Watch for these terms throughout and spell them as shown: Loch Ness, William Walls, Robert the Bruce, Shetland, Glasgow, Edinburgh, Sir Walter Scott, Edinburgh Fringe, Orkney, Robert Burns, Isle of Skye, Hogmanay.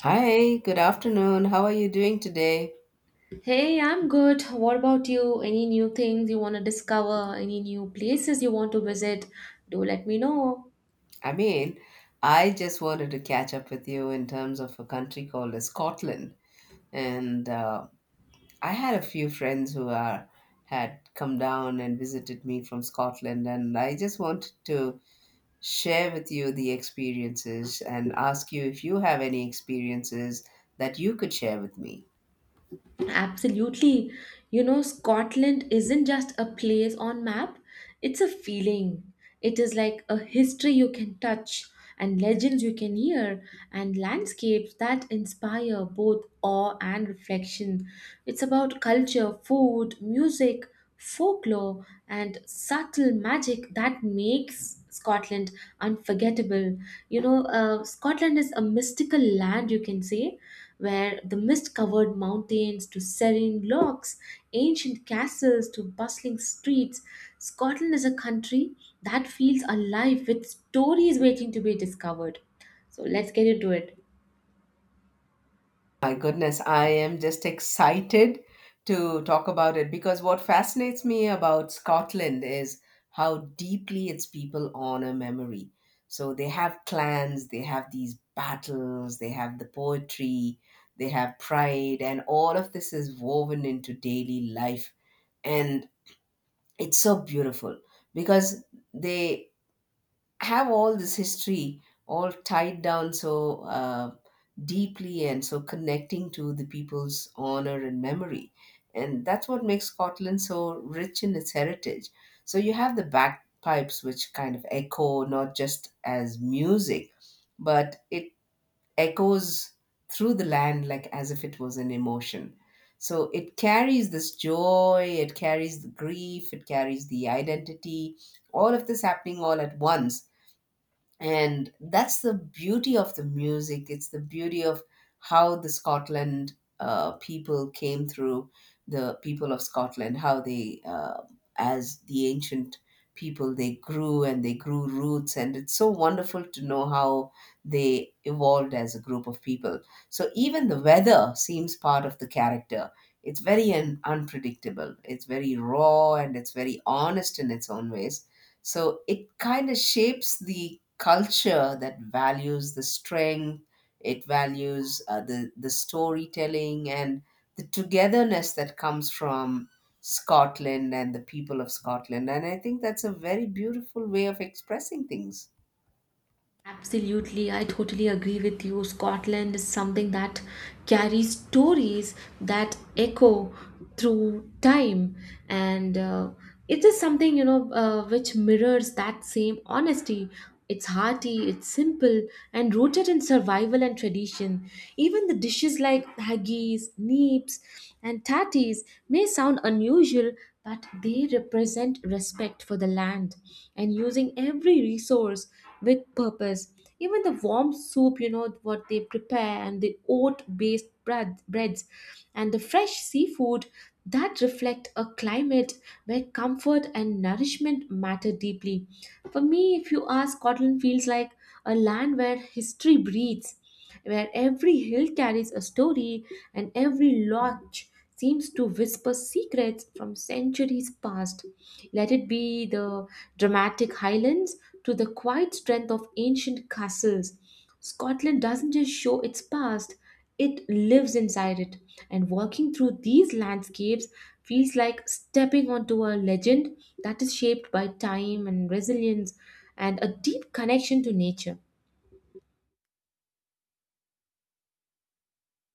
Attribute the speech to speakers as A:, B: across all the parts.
A: Hi, good afternoon. How are you doing today?
B: Hey, I'm good. What about you? Any new things you want to discover? Any new places you want to visit? Do let me know.
A: I mean, I just wanted to catch up with you in terms of a country called as Scotland. And I had a few friends who are had come down and visited me from Scotland, and I just wanted to share with you the experiences and ask you if you have any experiences that you could share with me.
B: Absolutely. You know, Scotland isn't just a place on map, it's a feeling. It is like a history you can touch and legends you can hear and landscapes that inspire both awe and reflection. It's about culture, food, music, folklore, and subtle magic that makes Scotland unforgettable. You know, Scotland is a mystical land, you can say, where the mist covered mountains to serene lochs, ancient castles to bustling streets, Scotland is a country that feels alive with stories waiting to be discovered. So let's get into it.
A: My goodness, I am just excited to talk about it because what fascinates me about Scotland is how deeply its people honor memory. So they have clans, they have these battles, they have the poetry, they have pride, and all of this is woven into daily life. And it's so beautiful because they have all this history all tied down so deeply and so connecting to the people's honor and memory. And that's what makes Scotland so rich in its heritage. So you have the bagpipes, which kind of echo not just as music, but it echoes through the land like as if it was an emotion. So it carries this joy, it carries the grief, it carries the identity, all of this happening all at once and that's the beauty of the music, it's the beauty of how the scotland people came through, the people of scotland, how they as the ancient people they grew and they grew roots, and it's so wonderful to know how they evolved as a group of people. So even the weather seems part of the character, it's very unpredictable, it's very raw and it's very honest in its own ways. So it kind of shapes the culture that values the strength, it values the storytelling and the togetherness that comes from Scotland and the people of Scotland. And I think that's a very beautiful way of expressing things.
B: Absolutely, I totally agree with you. Scotland is something that carries stories that echo through time, and it is something you know which mirrors that same honesty. It's hearty, it's simple, and rooted in survival and tradition. Even the dishes like haggis, neeps, and tatties may sound unusual, but they represent respect for the land and using every resource with purpose. Even the warm soup, you know, what they prepare and the oat based bread, breads and the fresh seafood that reflect a climate where comfort and nourishment matter deeply. For me, if you ask, Scotland feels like a land where history breathes, where every hill carries a story and every lodge seems to whisper secrets from centuries past. Let it be the dramatic highlands to the quiet strength of ancient castles. Scotland doesn't just show its past, it lives inside it. And walking through these landscapes feels like stepping onto a legend that is shaped by time and resilience and a deep connection to nature.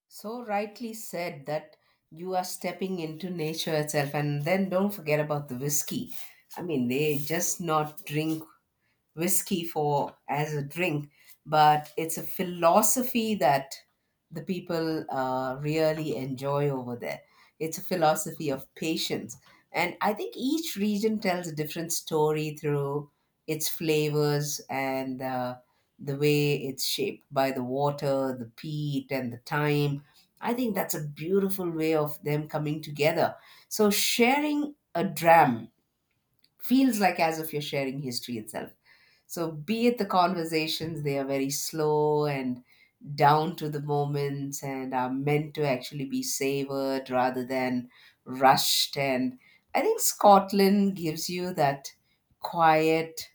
A: So rightly said that you are stepping into nature itself. And then don't forget about the whiskey. I mean, they just not drink whiskey for as a drink, but it's a philosophy that the people really enjoy over there. It's a philosophy of patience, and I think each region tells a different story through its flavors and the way it's shaped by the water, the peat, and the time. I think that's a beautiful way of them coming together. So sharing a dram feels like as if you're sharing history itself. So, be it the conversations, they are very slow and down to the moments and are meant to actually be savored rather than rushed. And I think Scotland gives you that quiet,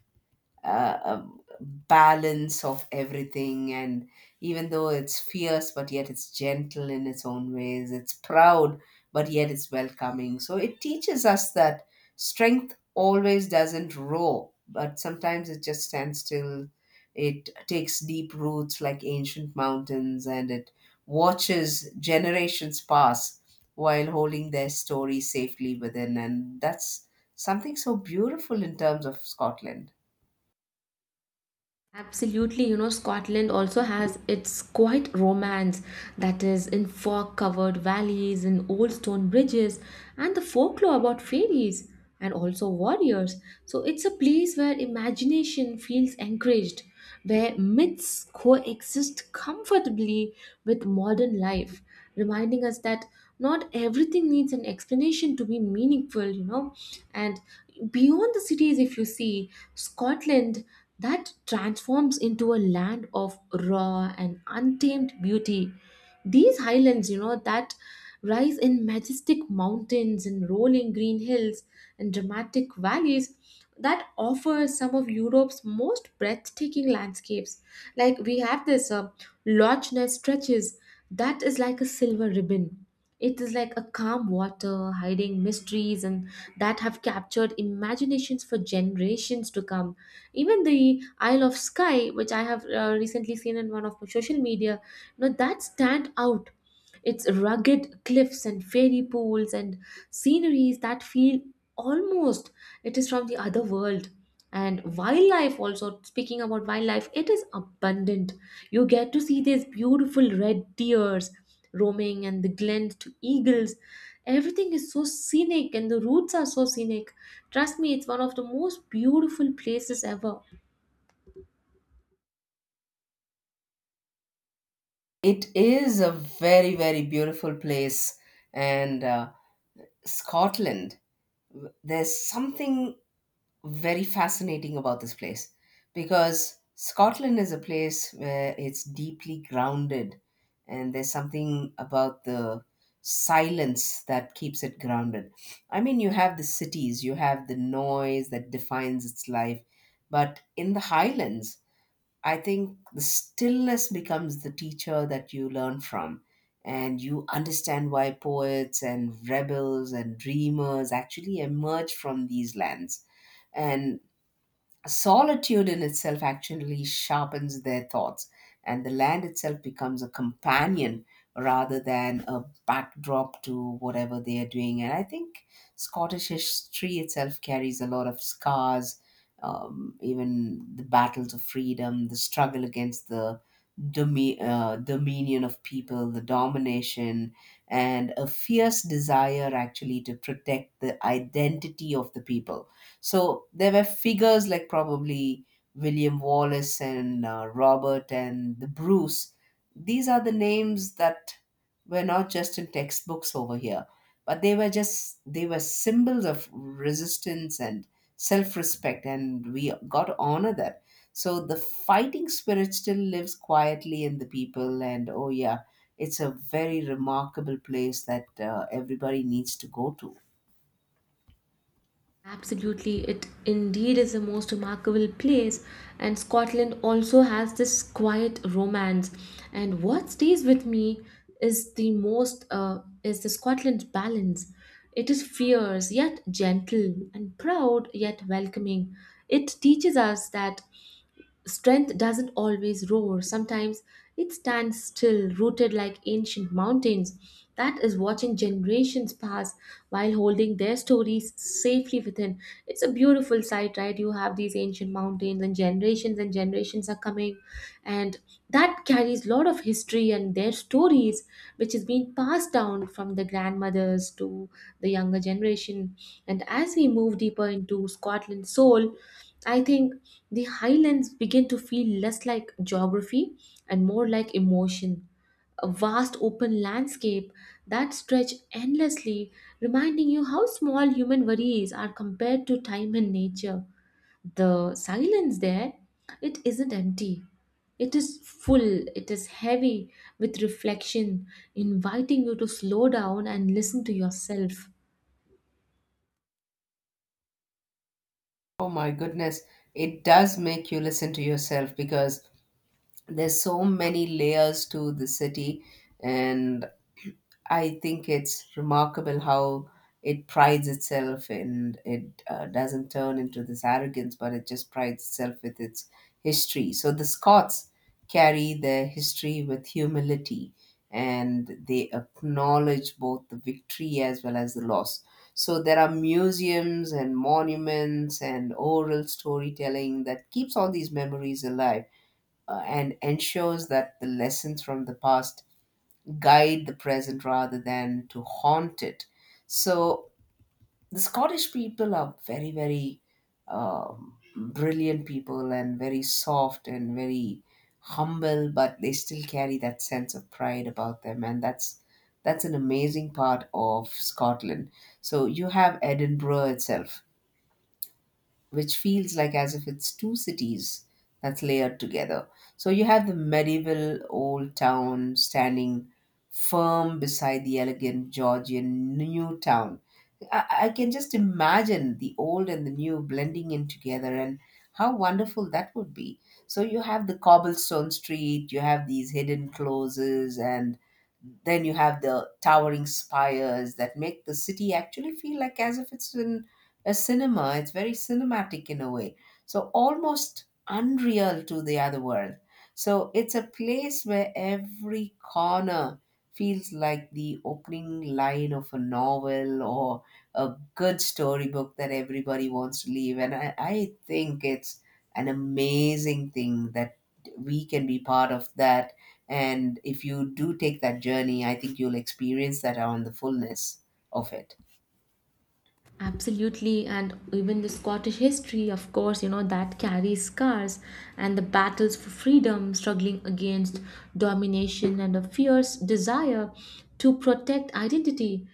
A: a balance of everything, and even though it's fierce but yet it's gentle in its own ways, it's proud but yet it's welcoming. So it teaches us that strength always doesn't roar, but sometimes it just stands still, it takes deep roots like ancient mountains and it watches generations pass while holding their story safely within, and that's something so beautiful in terms of scotland.
B: Absolutely, you know, Scotland also has its quiet romance that is in fog covered valleys and old stone bridges and the folklore about fairies and also warriors. So it's a place where imagination feels encouraged, where myths coexist comfortably with modern life, reminding us that not everything needs an explanation to be meaningful, you know. And beyond the cities, if you see Scotland, that transforms into a land of raw and untamed beauty. These highlands, you know, that rise in majestic mountains and rolling green hills and dramatic valleys that offer some of Europe's most breathtaking landscapes. Like we have this Loch Ness stretches that is like a silver ribbon. It is like a calm water hiding mysteries and that have captured imaginations for generations to come. Even the Isle of Skye, which I have recently seen in one of my social media, now that stand out. It's rugged cliffs and fairy pools and sceneries that feel almost it is from the other world. And wildlife also, speaking about wildlife, it is abundant. You get to see these beautiful red deers roaming and the glensed eagles. Everything is so scenic and the roots are so scenic. Trust me, it's one of the most beautiful places ever.
A: It is a very, very beautiful place. And Scotland, there's something very fascinating about this place because Scotland is a place where it's deeply grounded, and there's something about the silence that keeps it grounded. I mean, you have the cities, you have the noise that defines its life, but in the highlands, I think the stillness becomes the teacher that you learn from. And you understand why poets and rebels and dreamers actually emerge from these lands. And solitude in itself actually sharpens their thoughts, and the land itself becomes a companion rather than a backdrop to whatever they are doing. And I think Scottish history itself carries a lot of scars, even the battles of freedom, the struggle against the dominion of people, the domination, and a fierce desire actually to protect the identity of the people. So there were figures like probably William Wallace and Robert and the Bruce. These are the names that were not just in textbooks over here, but they were just, they were symbols of resistance and self-respect, and we got to honor that. So the fighting spirit still lives quietly in the people, and oh yeah, it's a very remarkable place that everybody needs to go to.
B: Absolutely, it indeed is the most remarkable place, and Scotland also has this quiet romance. And what stays with me is the most is the Scotland balance. It is fierce yet gentle and proud yet welcoming. It teaches us that strength doesn't always roar, sometimes it stands still, rooted like ancient mountains. That is watching generations pass while holding their stories safely within. It's a beautiful sight, right? You have these ancient mountains, and generations are coming, and that carries a lot of history and their stories, which is being passed down from the grandmothers to the younger generation. And as we move deeper into Scotland's soul, I think the highlands begin to feel less like geography and more like emotion, a vast open landscape that stretch endlessly, reminding you how small human worries are compared to time and nature. The silence there, it isn't empty. It is full, it is heavy with reflection, inviting you to slow down and listen to yourself.
A: Oh my goodness, it does make you listen to yourself because there's so many layers to the city, and I think it's remarkable how it prides itself, and it doesn't turn into this arrogance but it just prides itself with its history. So the scots carry their history with humility and they acknowledge both the victory as well as the loss. So there are museums and monuments and oral storytelling that keeps all these memories alive, and ensures that the lessons from the past guide the present rather than to haunt it. So the Scottish people are very, very brilliant people and very soft and very humble, but they still carry that sense of pride about them, and that's an amazing part of Scotland. So you have Edinburgh itself which feels like as if it's two cities that's layered together. So you have the medieval old town standing firm beside the elegant Georgian new town. I can just imagine the old and the new blending in together and how wonderful that would be. So you have the cobblestone street, you have these hidden closes, and then you have the towering spires that make the city actually feel like as if it's in a cinema. It's very cinematic in a way. So almost unreal to the other world. So it's a place where every corner feels like the opening line of a novel or a good storybook that everybody wants to leave. And I think it's an amazing thing that we can be part of that. And if you do take that journey, I think you'll experience that on the fullness of it.
B: Absolutely, and even the Scottish history, of course, you know, that carries scars and the battles for freedom, struggling against domination and a fierce desire to protect identity.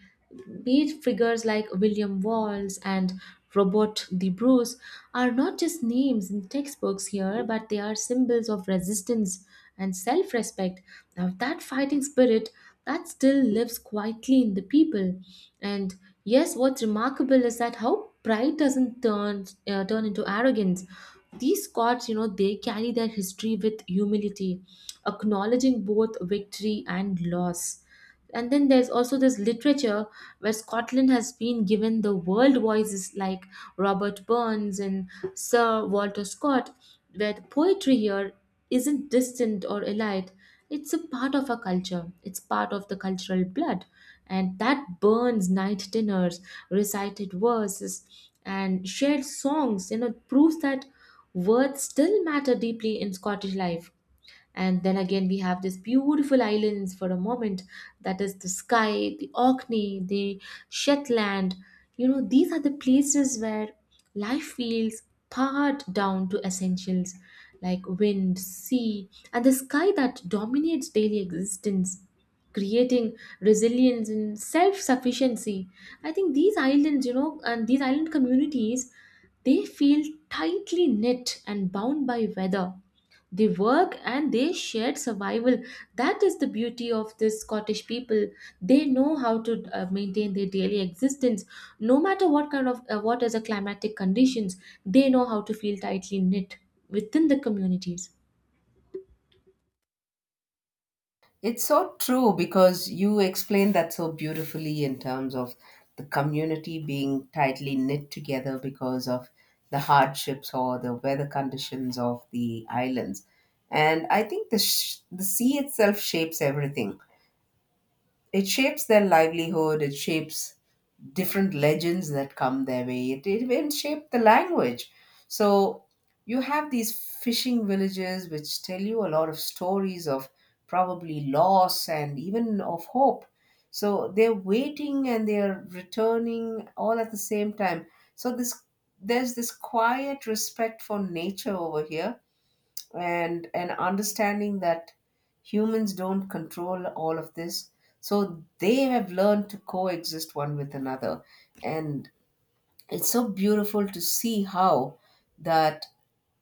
B: Be it figures like William Walls and Robert the Bruce are not just names in textbooks here, but they are symbols of resistance and self respect. Now, that fighting spirit that still lives quietly in the people. And yes, what's remarkable is that how pride doesn't turn into arrogance. These Scots, you know, they carry their history with humility, acknowledging both victory and loss. And then there's also this literature where Scotland has been given the world voices like Robert Burns and Sir Walter Scott, where the poetry here isn't distant or elite. It's a part of our culture, it's part of the cultural blood. And that burns night dinners, recited verses, and shared songs, you know, proves that words still matter deeply in Scottish life. And then again, we have these beautiful islands for a moment, that is the Skye, the Orkney, the Shetland. You know, these are the places where life feels pared down to essentials like wind, sea, and the sky that dominates daily existence, creating resilience and self sufficiency. I think these islands, you know, and these island communities, they feel tightly knit and bound by weather they work and they shared survival. That is the beauty of this Scottish people. They know how to maintain their daily existence, no matter what kind of what is the climatic conditions. They know how to feel tightly knit within the communities.
A: It's so true because you explained that so beautifully in terms of the community being tightly knit together because of the hardships or the weather conditions of the islands. And I think the sea itself shapes everything, it shapes their livelihood, it shapes different legends that come their way, it even shape the language. So you have these fishing villages which tell you a lot of stories of probably loss and even of hope, so they're waiting and they're returning all at the same time. So this there's this quiet respect for nature over here, and understanding that humans don't control all of this, so they have learned to coexist one with another. And it's so beautiful to see how that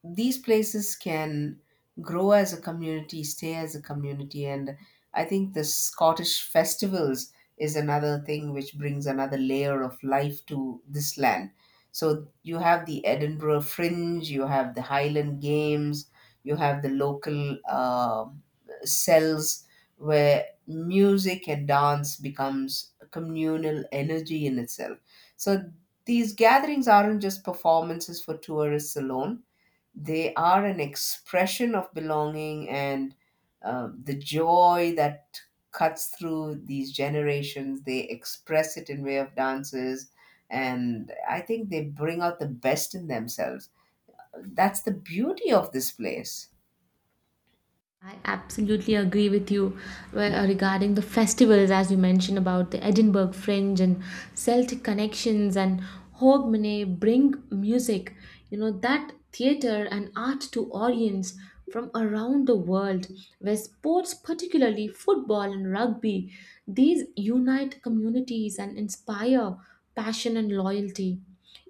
A: these places can grow as a community, stay as a community. And I think the scottish festivals is another thing which brings another layer of life to this land. So you have the edinburgh fringe, you have the highland games, you have the local cells where music and dance becomes a communal energy in itself. So these gatherings aren't just performances for tourists alone, they are an expression of belonging and the joy that cuts through these generations. They express it in way of dances, and I think they bring out the best in themselves. That's the beauty of this place.
B: I absolutely agree with you regarding the festivals, as you mentioned about the Edinburgh Fringe and Celtic connections and Hogmanay bring music, you know, that theatre and art to audience from around the world, where sports, particularly football and rugby, these unite communities and inspire passion and loyalty.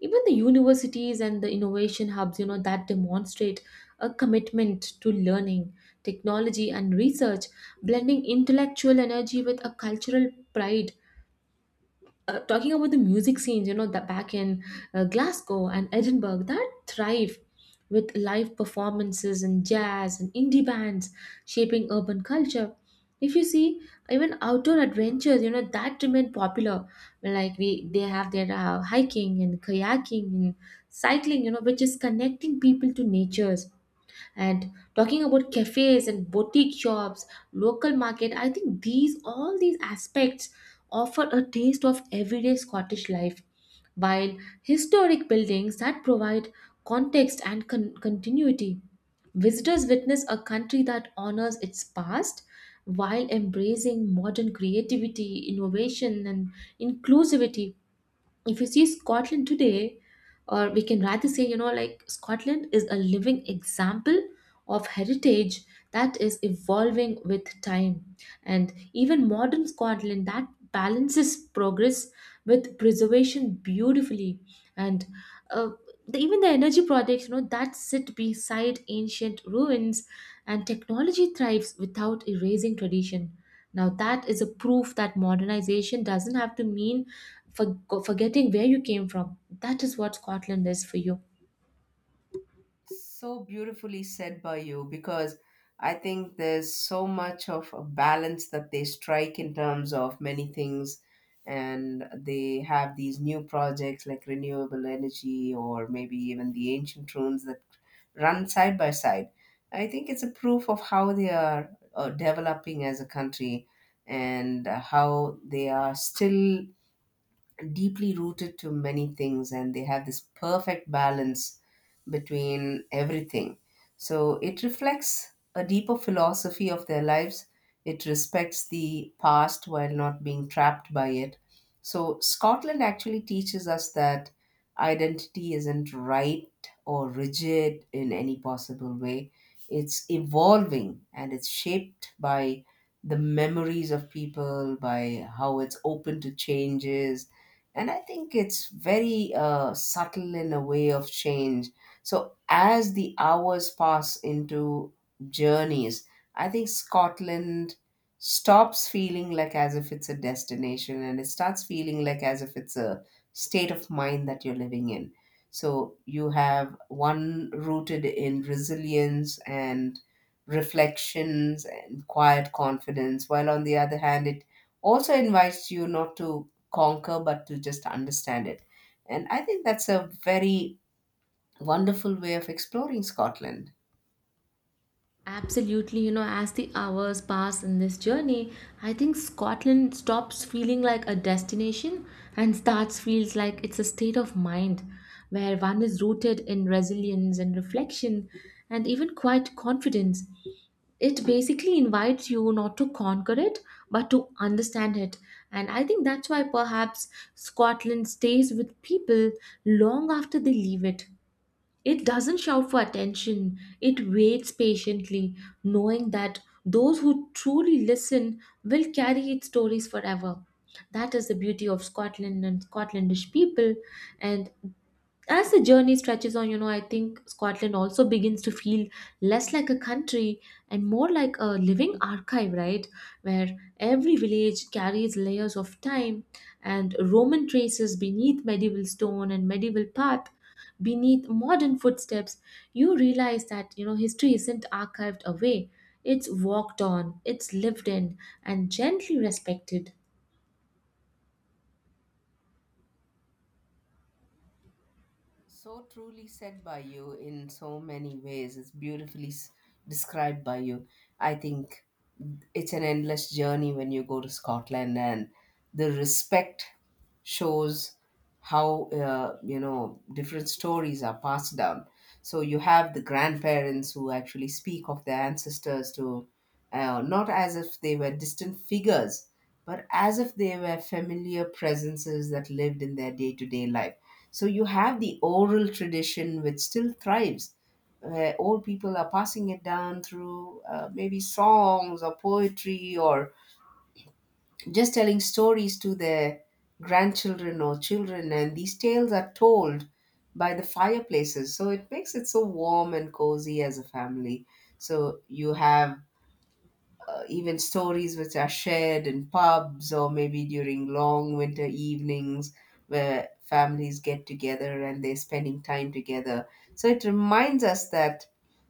B: Even the universities and the innovation hubs, you know, that demonstrate a commitment to learning, technology and research, blending intellectual energy with a cultural pride. Talking about the music scenes, you know, the back in Glasgow and Edinburgh that thrive with live performances and jazz and indie bands shaping urban culture. If you see even outdoor adventures, you know that remain popular. Like we, they have their hiking and kayaking and cycling, you know, which is connecting people to natures, and talking about cafes and boutique shops, local market, I think these all these aspects offer a taste of everyday Scottish life, while historic buildings that provide context and continuity. Visitors witness a country that honors its past while embracing modern creativity, innovation, and inclusivity. If you see Scotland today, or we can rather say, you know, like Scotland is a living example of heritage that is evolving with time. And even modern Scotland that balances progress with preservation beautifully. And uh, the, even the energy projects, you know, that sit beside ancient ruins and technology thrives without erasing tradition. Now, that is a proof that modernization doesn't have to mean for, forgetting where you came from. That is what Scotland is for you.
A: So beautifully said by you because I think there's so much of a balance that they strike in terms of many things, and they have these new projects like renewable energy or maybe even the ancient ruins that run side by side. I think it's a proof of how they are developing as a country and how they are still deeply rooted to many things and they have this perfect balance between everything. So it reflects a deeper philosophy of their lives. It respects the past while not being trapped by it. So Scotland actually teaches us that identity isn't right or rigid in any possible way. It's evolving and it's shaped by the memories of people, by how it's open to changes, and I think it's very subtle in a way of change. So as the hours pass into journeys, I think scotland stops feeling like as if it's a destination and it starts feeling like as if it's a state of mind that you're living in. So you have one rooted in resilience and reflections and quiet confidence, while on the other hand it also invites you not to conquer but to just understand it. And I think that's a very wonderful way of exploring Scotland.
B: Absolutely, you know, as the hours pass in this journey, I think Scotland stops feeling like a destination and starts feels like it's a state of mind where one is rooted in resilience and reflection and even quite confidence. It basically invites you not to conquer it but to understand it. And I think that's why perhaps Scotland stays with people long after they leave it. It doesn't shout for attention, it waits patiently, knowing that those who truly listen will carry its stories forever. That is the beauty of Scotland and Scotlandish people, and as the journey stretches on, you know, I think Scotland also begins to feel less like a country and more like a living archive, right? Where every village carries layers of time and Roman traces beneath medieval stone and medieval path, beneath modern footsteps. You realize that, you know, history isn't archived away, it's walked on, it's lived in, and gently respected.
A: So truly said by you in so many ways. It's beautifully described by you. I think it's an endless journey when you go to Scotland, and the respect shows how you know different stories are passed down. So you have the grandparents who actually speak of their ancestors to not as if they were distant figures, but as if they were familiar presences that lived in their day to day life. So you have the oral tradition which still thrives, where old people are passing it down through maybe songs or poetry or just telling stories to their grandchildren or children, and these tales are told by the fireplaces, so it makes it so warm and cozy as a family. So you have even stories which are shared in pubs or maybe during long winter evenings where families get together and they're spending time together. So it reminds us that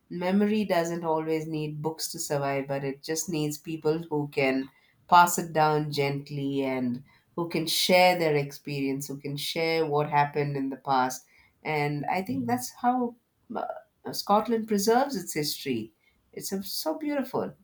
A: memory doesn't always need books to survive, but it just needs people who can pass it down gently and who can share their experience, who can share what happened in the past. And I think that's how uh, Scotland preserves its history. It's so so beautiful.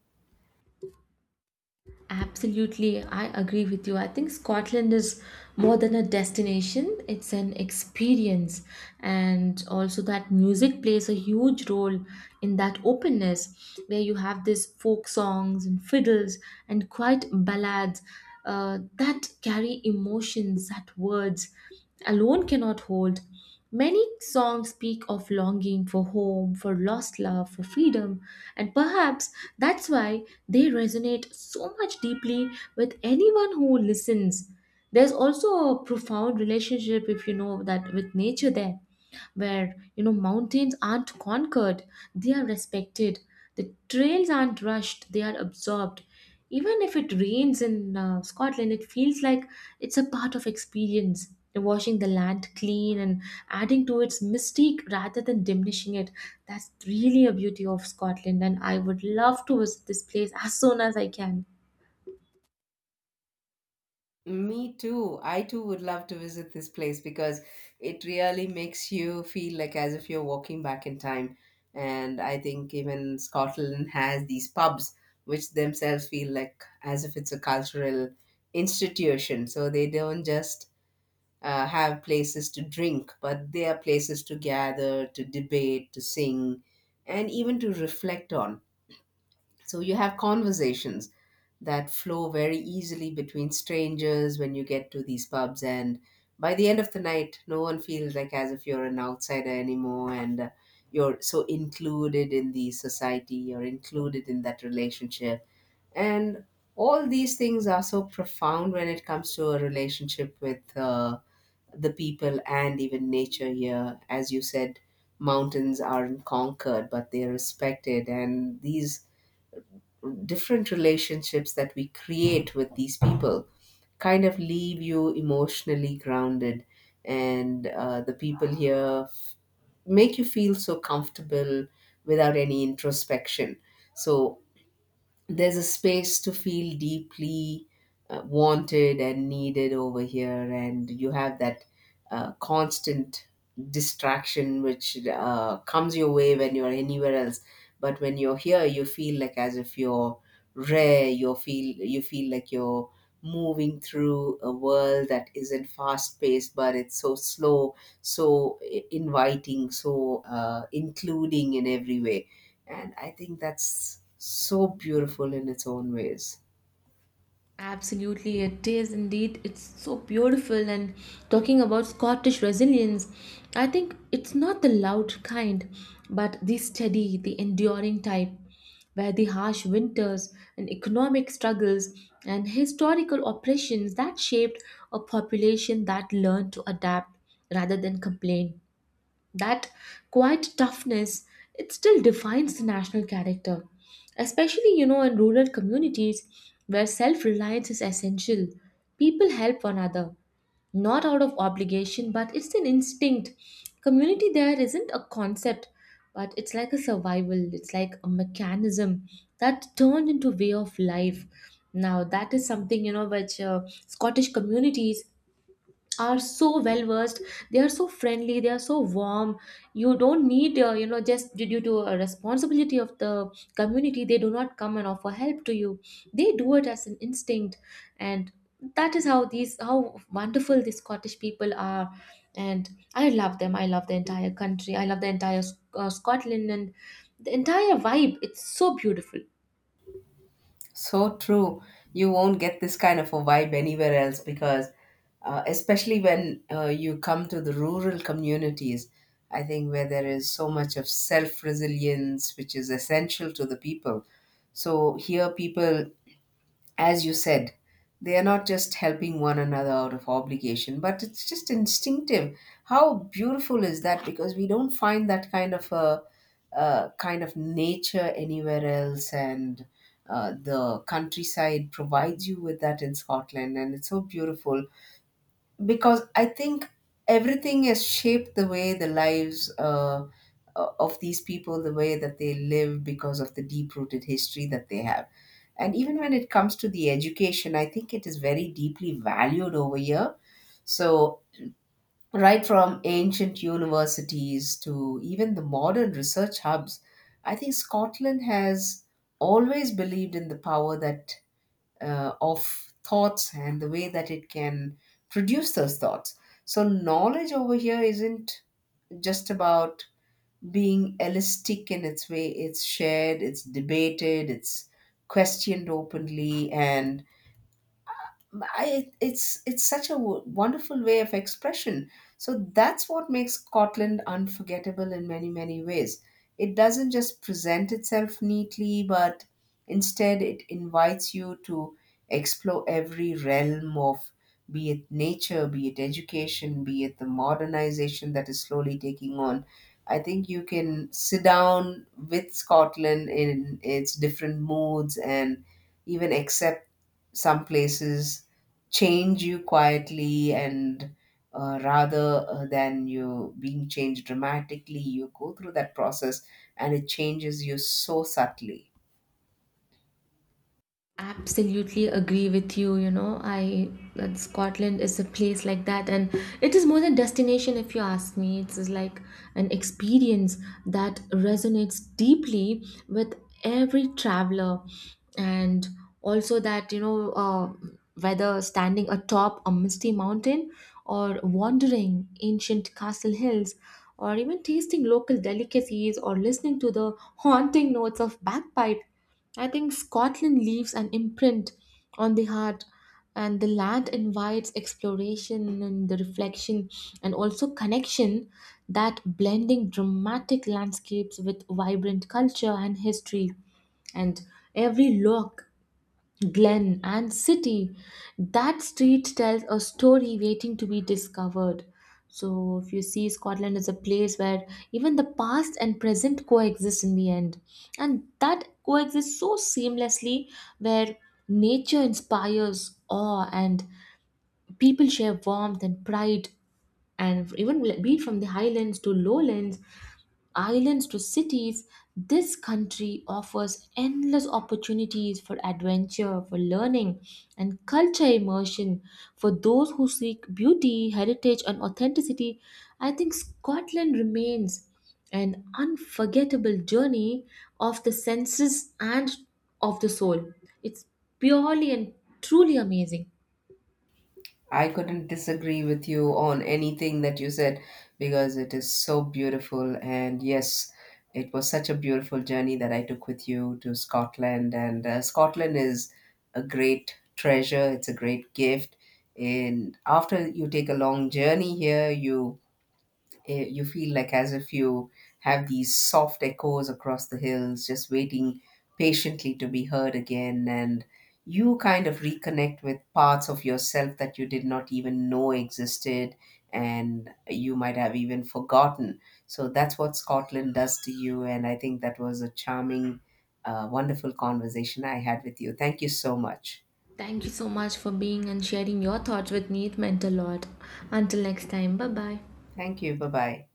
B: Absolutely, I agree with you. I think Scotland is more than a destination, it's an experience. And also, that music plays a huge role in that openness where you have this folk songs and fiddles and quite ballads that carry emotions that words alone cannot hold. Many songs speak of longing for home, for lost love, for freedom, and perhaps that's why they resonate so much deeply with anyone who listens. There's also a profound relationship, if you know that, with nature there, where you know mountains aren't conquered, they are respected, the trails aren't rushed, they are absorbed. Even if it rains in Scotland, it feels like it's a part of experience, washing the land clean and adding to its mystique rather than diminishing it. That's really a beauty of Scotland, and I would love to visit this place as soon as I can.
A: Me too. I too would love to visit this place because it really makes you feel like as if you're walking back in time. And I think even Scotland has these pubs, which themselves feel like as if it's a cultural institution. So they don't just have places to drink, but they are places to gather, to debate, to sing, and even to reflect on. So you have conversations that flow very easily between strangers when you get to these pubs, and by the end of the night, no one feels like as if you're an outsider anymore, and you're so included in the society, you're included in that relationship, and all these things are so profound when it comes to a relationship with the people and even nature here. As you said, mountains aren't conquered, but they're respected, and these different relationships that we create with these people kind of leave you emotionally grounded, and the people here make you feel so comfortable without any introspection. So there's a space to feel deeply wanted and needed over here, and you have that constant distraction which comes your way when you're anywhere else, but when you're here you feel like as if you're rare. You feel, you feel like you're moving through a world that isn't fast paced but it's so slow, so inviting, so including in every way. And I think that's so beautiful in its own ways.
B: Absolutely, it is indeed. It's so beautiful. And talking about Scottish resilience, I think it's not the loud kind, but the steady, the enduring type, where the harsh winters and economic struggles and historical oppressions that shaped a population that learned to adapt rather than complain. That quiet toughness, it still defines the national character, especially you know in rural communities where self-reliance is essential. People help one another, not out of obligation, but it's an instinct. Community there isn't a concept, but it's like a survival, it's like a mechanism that turned into way of life. Now that is something you know which Scottish communities are so well versed, they are so friendly, they are so warm. You don't need you know, just due to a responsibility of the community they do not come and offer help to you, they do it as an instinct. And that is how these, how wonderful these Scottish people are, and I love them, I love the entire country, I love the entire Scotland and the entire vibe, it's so beautiful.
A: So true. You won't get this kind of a vibe anywhere else because, especially when you come to the rural communities, I think, where there is so much of self resilience, which is essential to the people. So here, people, as you said, they are not just helping one another out of obligation, but it's just instinctive. How beautiful is that? Because we don't find that kind of a, uh, kind of nature anywhere else, and the countryside provides you with that in Scotland, and it's so beautiful because I think everything has shaped the way the lives of these people, the way that they live, because of the deep rooted history that they have. And even when it comes to the education, I think it is very deeply valued over here. So, right from ancient universities to even the modern research hubs, I think Scotland has always believed in the power that of thoughts and the way that it can produce those thoughts. So, knowledge over here isn't just about being elastic in its way, it's shared, it's debated, it's questioned openly, and it's such a wonderful way of expression. So that's what makes Scotland unforgettable in many many ways. It doesn't just present itself neatly, but instead it invites you to explore every realm of, be it nature, be it education, be it the modernization that is slowly taking on. I think you can sit down with Scotland in its different moods and even accept some places change you quietly, and rather than you being changed dramatically, you go through that process and it changes you so subtly.
B: Absolutely agree with you, you know, I that Scotland is a place like that, and it is more than destination if you ask me, it's like an experience that resonates deeply with every traveler. And also that you know whether standing atop a misty mountain or wandering ancient castle hills or even tasting local delicacies or listening to the haunting notes of bagpipe, I think Scotland leaves an imprint on the heart, and the land invites exploration and the reflection and also connection, that blending dramatic landscapes with vibrant culture and history. And every look glen and city, that street tells a story waiting to be discovered. So if you see Scotland is a place where even the past and present coexist in the end, and that coexists so seamlessly, where nature inspires awe and people share warmth and pride, and even be it from the highlands to lowlands, islands to cities, this country offers endless opportunities for adventure, for learning, and culture immersion. For those who seek beauty, heritage, and authenticity, I think Scotland remains an unforgettable journey of the senses and of the soul. It's purely and truly amazing.
A: I couldn't disagree with you on anything that you said, because it is so beautiful, and yes, it was such a beautiful journey that I took with you to Scotland, and Scotland is a great treasure, it's a great gift. And after you take a long journey here, you, you feel like as if you have these soft echoes across the hills just waiting patiently to be heard again, and you kind of reconnect with parts of yourself that you did not even know existed and you might have even forgotten. So that's what Scotland does to you, and I think that was a charming, wonderful conversation I had with you. Thank you so much.
B: Thank you so much for being and sharing your thoughts with me. It meant a lot. Until next time, bye bye.
A: Thank you. Bye bye.